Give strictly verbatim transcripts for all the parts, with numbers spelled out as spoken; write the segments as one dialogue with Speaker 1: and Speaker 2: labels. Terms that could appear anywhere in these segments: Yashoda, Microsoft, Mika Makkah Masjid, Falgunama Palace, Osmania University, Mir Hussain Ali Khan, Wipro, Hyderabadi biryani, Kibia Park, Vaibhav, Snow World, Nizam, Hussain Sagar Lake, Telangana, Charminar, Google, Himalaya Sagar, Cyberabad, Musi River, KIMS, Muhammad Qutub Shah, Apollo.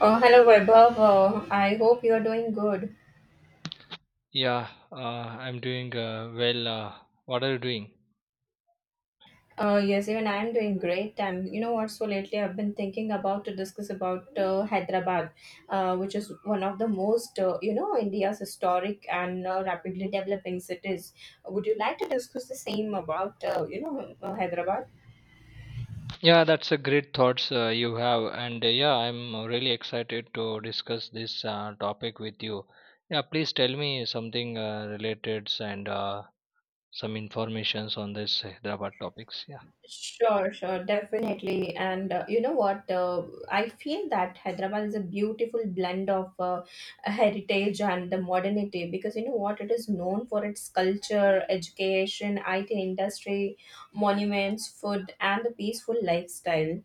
Speaker 1: Oh, hello Vaibhav. Uh, I hope you're doing good.
Speaker 2: Yeah, uh, I'm doing uh, well. Uh, what are you doing?
Speaker 1: Uh, yes, even I'm doing great. And you know what? So lately, I've been thinking about to discuss about uh, Hyderabad, uh, which is one of the most uh, you know India's historic and uh, rapidly developing cities. Would you like to discuss the same about uh, you know uh, Hyderabad?
Speaker 2: Yeah, that's a great thoughts uh, you have, and uh, yeah, I'm really excited to discuss this uh, topic with you. Yeah, please tell me something uh, related and uh, some informations on this Hyderabad topics. Yeah,
Speaker 1: Sure, sure, definitely. And uh, you know what? Uh, I feel that Hyderabad is a beautiful blend of uh, heritage and the modernity because you know what? It is known for its culture, education, I T industry, monuments, food, and the peaceful lifestyle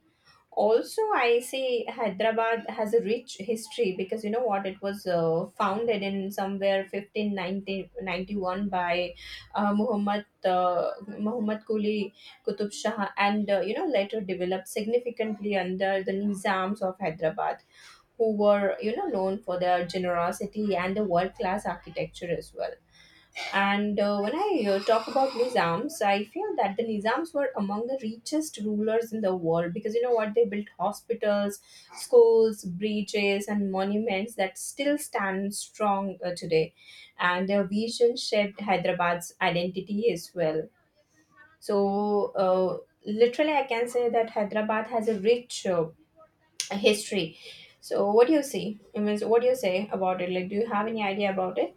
Speaker 1: also. I say Hyderabad has a rich history because you know what, it was uh, founded in somewhere fifteen ninety-one by uh, muhammad uh, Muhammad Quli Qutub Shah, and uh, you know, later developed significantly under the Nizams of Hyderabad, who were you know known for their generosity and the world class architecture as well. And uh, when I uh, talk about Nizams, I feel that the Nizams were among the richest rulers in the world because you know what? They built hospitals, schools, bridges, and monuments that still stand strong uh, today. And their vision shaped Hyderabad's identity as well. So, uh, literally, I can say that Hyderabad has a rich uh, history. So, what do you see? I mean, so what do you say about it? Like, do you have any idea about it?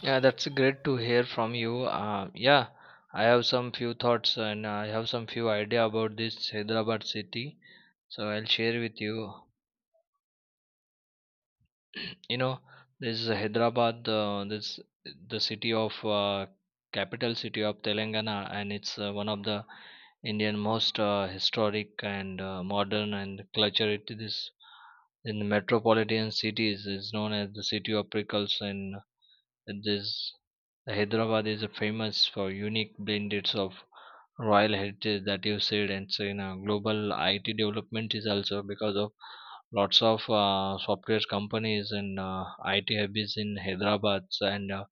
Speaker 2: yeah, that's great to hear from you. Uh, yeah, I have some few thoughts and I have some few idea about this Hyderabad city, so I'll share with you. You know, this is Hyderabad, uh, this the city of, uh, capital city of Telangana, and it's uh, one of the Indian most uh, historic and uh, modern and cultural. It is in the metropolitan cities, is known as the city of pickles, and this Hyderabad is famous for unique blendeds of royal heritage that you said, and so in a global I T development is also because of lots of uh, software companies and uh, I T hubs in Hyderabad. So, and uh,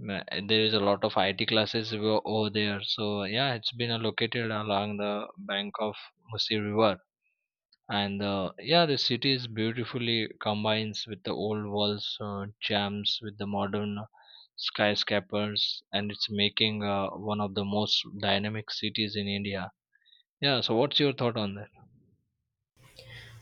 Speaker 2: ma- there is a lot of I T classes over over there. So yeah, it's been uh, located along the bank of Musi River. And uh, yeah, the city is beautifully combines with the old walls uh, jams with the modern skyscrapers, and it's making uh, one of the most dynamic cities in India. Yeah, so what's your thought on that?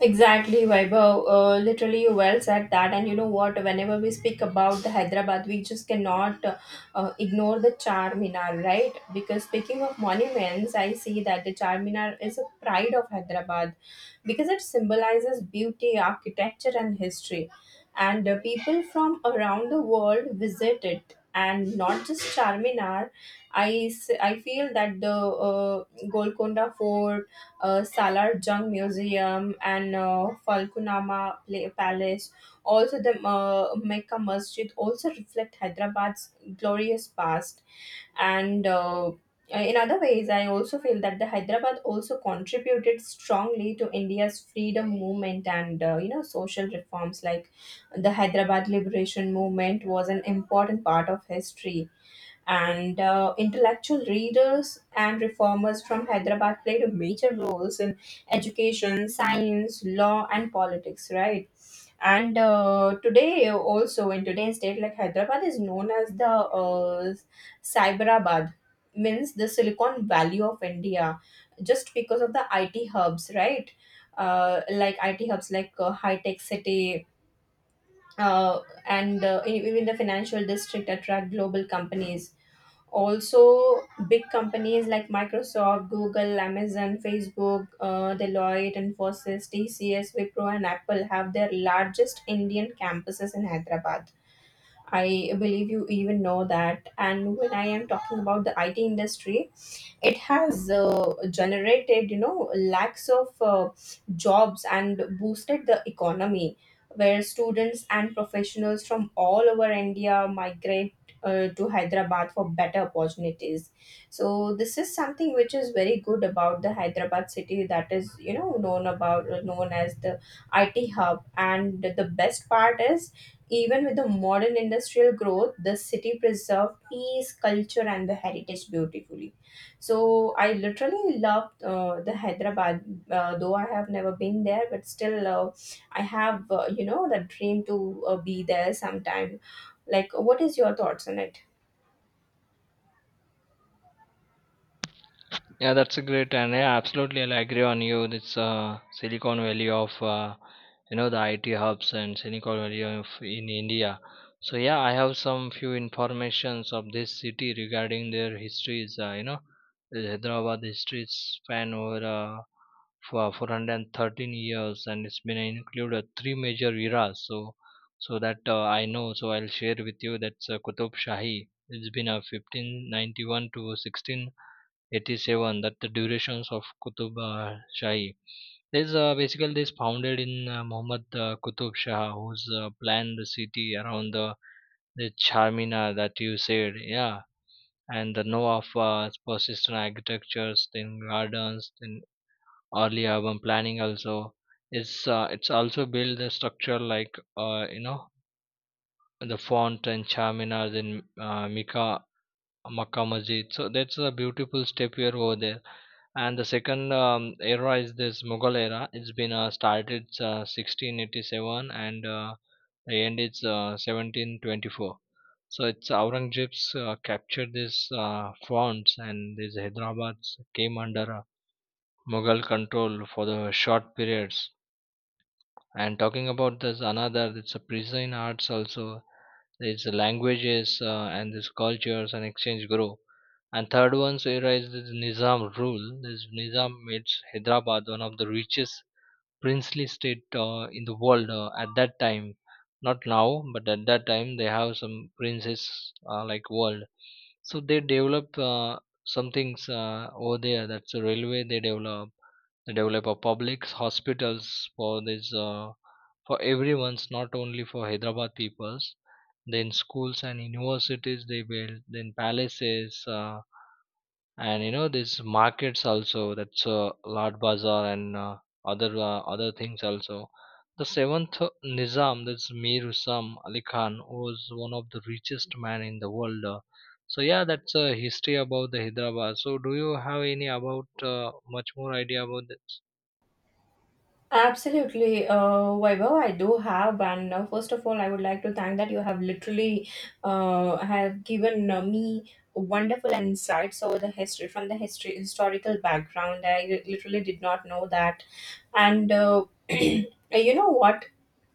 Speaker 1: Exactly, Vaibhav. Uh, literally, you well said that. And you know what? Whenever we speak about the Hyderabad, we just cannot uh, uh, ignore the Charminar, right? Because speaking of monuments, I see that the Charminar is a pride of Hyderabad because it symbolizes beauty, architecture, and history. And uh, people from around the world visit it, and not just Charminar. I, s- I feel that the uh, Golconda Fort, uh, Salar Jung Museum, and uh, Falgunama Pla- Palace, also the uh, Mecca Masjid, also reflect Hyderabad's glorious past. And uh, in other ways, I also feel that the Hyderabad also contributed strongly to India's freedom movement and uh, you know social reforms like the Hyderabad liberation movement was an important part of history. And uh, intellectual readers and reformers from Hyderabad played a major roles in education, science, law, and politics, right? And uh, today also, in today's date, like Hyderabad is known as the uh, Cyberabad, means the Silicon Valley of India, just because of the I T hubs, right? Uh, like I T hubs like uh, high tech city, uh, and uh, e- even the financial district attract global companies. Also big companies like Microsoft, Google, Amazon, Facebook, uh, Deloitte, Infosys, T C S, Wipro, and Apple have their largest Indian campuses in Hyderabad. I believe you even know that. And when I am talking about the I T industry, it has uh, generated you know lakhs of uh, jobs and boosted the economy, where students and professionals from all over India migrate uh, to Hyderabad for better opportunities. So this is something which is very good about the Hyderabad city, that is you know known about uh, known as the I T hub. And the best part is even with the modern industrial growth, the city preserved peace, culture, and the heritage beautifully. So I literally loved uh, the Hyderabad, uh, though I have never been there, but still uh, I have uh, you know the dream to uh, be there sometime. Like, what is your thoughts on it?
Speaker 2: Yeah, that's a great, and yeah, absolutely, I agree on you. This uh, Silicon Valley of, uh, you know, the I T hubs and Silicon Valley of in India. So yeah, I have some few informations of this city regarding their histories. Uh, you know, the Hyderabad history span over uh, for four hundred thirteen years, and it's been included three major eras. So so that uh, I know, so I'll share with you. That's uh, Kutub Shahi. It's been a fifteen ninety-one to sixteen. eighty-seven that the durations of Qutub uh, Shahi. This uh, basically this founded in uh, Muhammad uh, Qutub Shah, who's uh, planned the city around the, the charminar that you said, yeah. And the know of uh, persistent architectures, then gardens, then early urban planning also. It's uh, it's also built the structure like, uh, you know, the font and charminar, then uh, Mika Makkah Masjid. So that's a beautiful step here over there. And the second um, era is this Mughal era. It's been uh, started uh, sixteen eighty-seven, and uh, the end is uh, seventeen twenty-four. So it's Aurangzeb's uh, captured these uh, fonts, and these Hyderabad's came under uh, Mughal control for the short periods. And talking about this another, it's a prison arts also. It's languages uh, and this cultures and exchange grow. And third one, so here is this Nizam rule. This Nizam made Hyderabad one of the richest princely state uh, in the world uh, at that time. Not now, but at that time they have some princes uh, like world. So they develop uh, some things uh, over there. That's a railway they develop. They develop a public hospitals for this. Uh, for everyone's, not only for Hyderabad peoples, then schools and universities they built, then palaces, uh, and you know these markets also, that's uh, lord bazaar and uh, other uh, other things also. The seventh nizam, that's Mir Hussain Ali Khan, was one of the richest man in the world. Uh, so yeah, that's a history about the Hyderabad. So do you have any about, uh, much more idea about this?
Speaker 1: Absolutely, uh, Vaibhav, I do have, and uh, first of all, I would like to thank that you have literally uh, have given uh, me wonderful insights over the history, from the history historical background. I literally did not know that, and uh, you know what?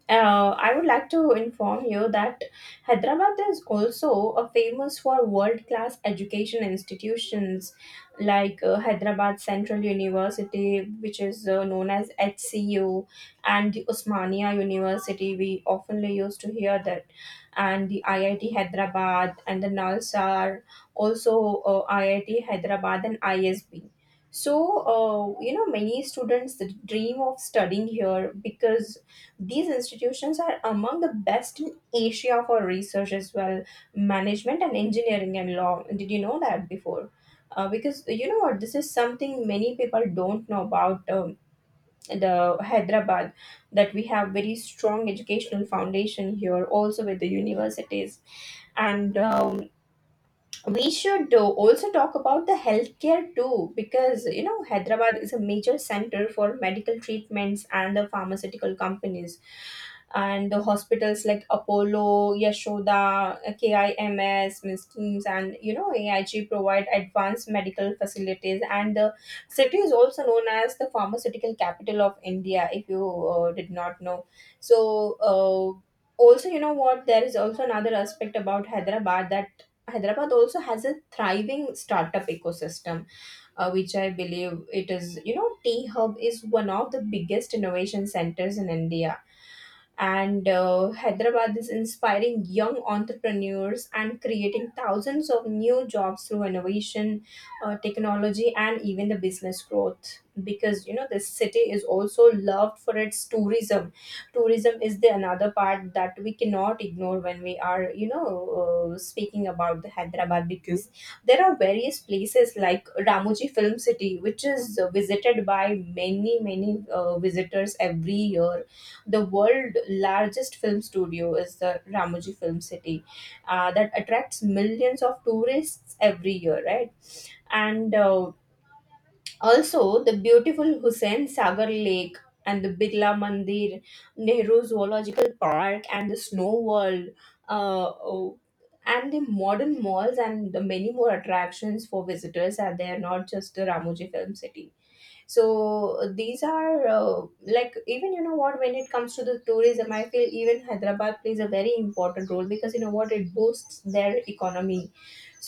Speaker 1: Uh, I would like to inform you that Hyderabad is also uh, famous for world class education institutions like uh, Hyderabad Central University, which is uh, known as H C U, and the Osmania University. We oftenly used to hear that, and the I I T Hyderabad and the Nalsar, also uh, I I T Hyderabad and I S B. So, uh, you know, many students dream of studying here because these institutions are among the best in Asia for research as well, management and engineering and law. Did you know that before? Uh, because you know what, this is something many people don't know about um, the Hyderabad, that we have very strong educational foundation here also with the universities. And um, we should uh, also talk about the healthcare too, because you know Hyderabad is a major center for medical treatments and the pharmaceutical companies. And the hospitals like Apollo, Yashoda, KIMS, Miss teams, and you know A I G provide advanced medical facilities, and the city is also known as the pharmaceutical capital of India, if you uh, did not know. So uh, also you know what, there is also another aspect about Hyderabad, that Hyderabad also has a thriving startup ecosystem, uh, which I believe it is. You know, T Hub is one of the biggest innovation centers in India, and uh, Hyderabad is inspiring young entrepreneurs and creating thousands of new jobs through innovation, uh, technology, and even the business growth. Because you know this city is also loved for its tourism. Tourism is the another part that we cannot ignore when we are you know uh, speaking about the Hyderabad, because there are various places like Ramoji Film City, which is uh, visited by many many uh, visitors every year. The world largest film studio is the Ramoji Film City, uh, that attracts millions of tourists every year, right? And uh, also the beautiful Hussain Sagar Lake, and the Birla Mandir, Nehru Zoological Park, and the Snow World. Uh, oh, and the modern malls and the many more attractions for visitors are there, not just the Ramoji Film City. So uh, these are uh, like, even you know what, when it comes to the tourism, I feel even Hyderabad plays a very important role, because you know what, it boosts their economy.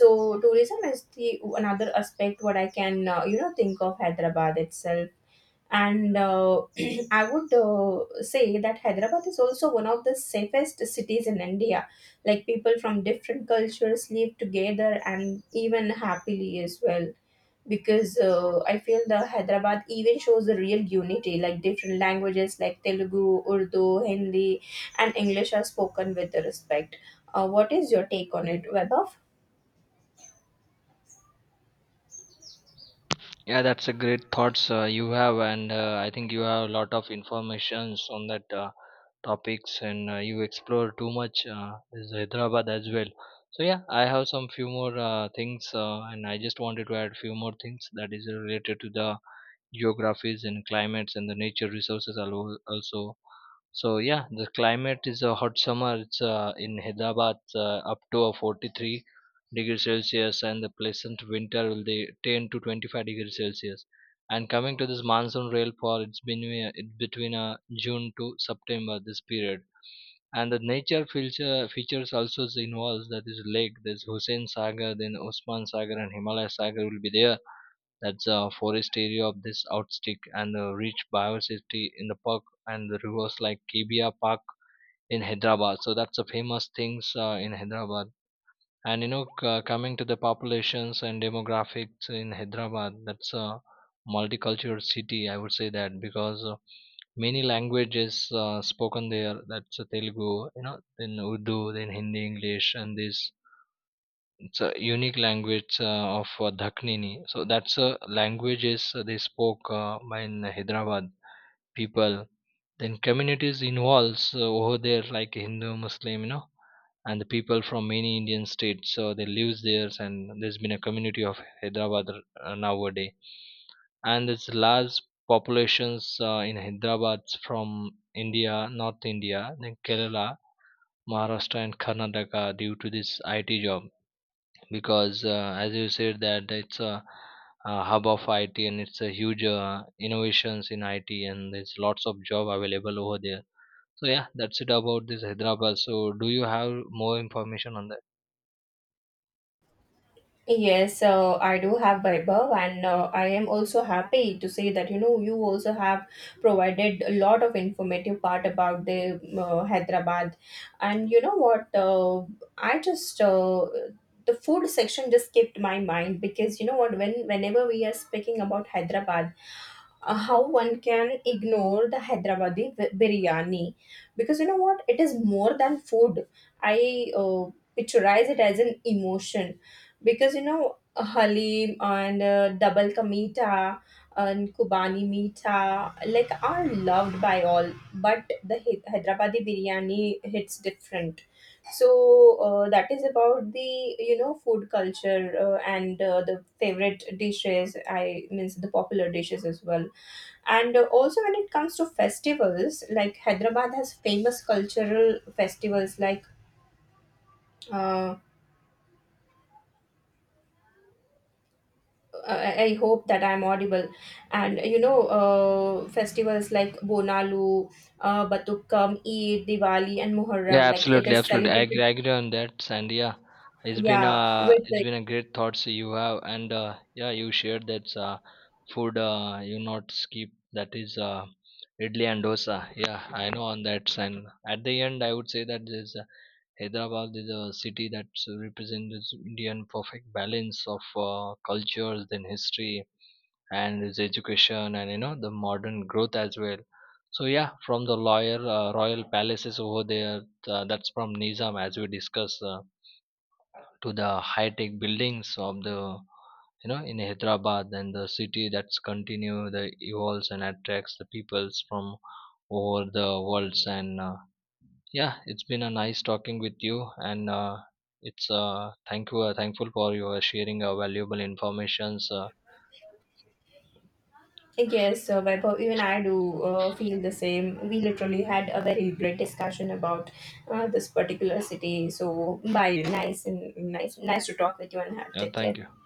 Speaker 1: So tourism is the another aspect what I can uh, you know think of Hyderabad itself. And uh, I would uh, say that Hyderabad is also one of the safest cities in India, like people from different cultures live together and even happily as well. Because uh, I feel the Hyderabad even shows the real unity, like different languages like Telugu, Urdu, Hindi, and English are spoken with the respect. Uh, what is your take on it, Webber?
Speaker 2: Yeah, that's a great thoughts uh, you have, and uh, I think you have a lot of informations on that uh, topics, and uh, you explore too much uh, is Hyderabad as well. So yeah, I have some few more uh, things, uh, and I just wanted to add few more things that is related to the geographies and climates and the nature resources al- also. So yeah, the climate is a hot summer. It's uh, in Hyderabad uh, up to a forty-three degrees Celsius, and the pleasant winter will be ten to twenty-five degrees Celsius. And coming to this monsoon rainfall, it's been uh, it between uh, June to September this period. And the nature feature, features also is involves, that is lake, there's Hussein Sagar, then Osman Sagar and Himalaya Sagar will be there. That's a forest area of this outstick and the rich biodiversity in the park, and the rivers like Kibia Park in Hyderabad. So that's the famous things uh, in Hyderabad. And you know, c- coming to the populations and demographics in Hyderabad, that's a multicultural city, I would say that, because uh, many languages uh, spoken there, that's uh, Telugu, you know, then Urdu, then Hindi, English, and this, it's a unique language uh, of uh, Daknini. So that's a languages uh, they spoke uh, by in Hyderabad people. Then communities involves uh, over there, like Hindu, Muslim, you know, and the people from many Indian states, so they live there, and there's been a community of Hyderabad uh, nowadays. And there's large populations uh, in Hyderabad from India, North India, then Kerala, Maharashtra and Karnataka, due to this I T job, because uh, as you said that it's a, a hub of I T, and it's a huge uh, innovations in I T, and there's lots of job available over there. So yeah, that's it about this Hyderabad. So do you have more information on that?
Speaker 1: Yes, so I do have, Vaibhav, and uh, I am also happy to say that you know you also have provided a lot of informative part about the uh, Hyderabad, and you know what? Uh, I just uh, the food section just skipped my mind, because you know what? When whenever we are speaking about Hyderabad, uh, how one can ignore the Hyderabadi bi- biryani, because you know what, it is more than food. I uh, picturize it as an emotion, because you know uh, halim and uh, double ka meeta and kubani meeta like are loved by all, but the Hy- Hyderabadi biryani hits different. So uh, that is about the you know food culture, uh, and uh, the favorite dishes. I means the popular dishes as well. And uh, also, when it comes to festivals, like Hyderabad has famous cultural festivals like. Uh, I I hope that I'm audible. And you know, uh, festivals like Bonalu, uh, Batukkam, Eid, Diwali, and
Speaker 2: Yeah,
Speaker 1: Muharram, like it
Speaker 2: absolutely,
Speaker 1: is
Speaker 2: absolutely. I agree,
Speaker 1: celebrated,
Speaker 2: I agree on that, and yeah, it's been
Speaker 1: yeah,
Speaker 2: a
Speaker 1: with
Speaker 2: it's
Speaker 1: the.
Speaker 2: been a great thoughts you have, and uh, yeah, you shared that uh, food, uh, you not skip, that is uh, idli and dosa. Yeah, I know on that. And at the end, I would say that this uh, Hyderabad is a city that represents Indian perfect balance of uh, cultures, then history, and his education, and you know, the modern growth as well. So yeah, from the loyal uh, royal palaces over there, uh, that's from nizam, as we discussed, uh, to the high tech buildings of the, you know, in Hyderabad, and the city that's continue the evolves and attracts the peoples from over the worlds. And uh, yeah, it's been a nice talking with you, and uh, it's uh, thank you, uh, thankful for your sharing uh, valuable informations. Uh,
Speaker 1: Yes, uh, Vaibhav, even I do uh, feel the same. We literally had a very great discussion about uh, this particular city. So, bye. Nice and nice, nice to talk with you and have
Speaker 2: yeah,
Speaker 1: take care.
Speaker 2: thank you.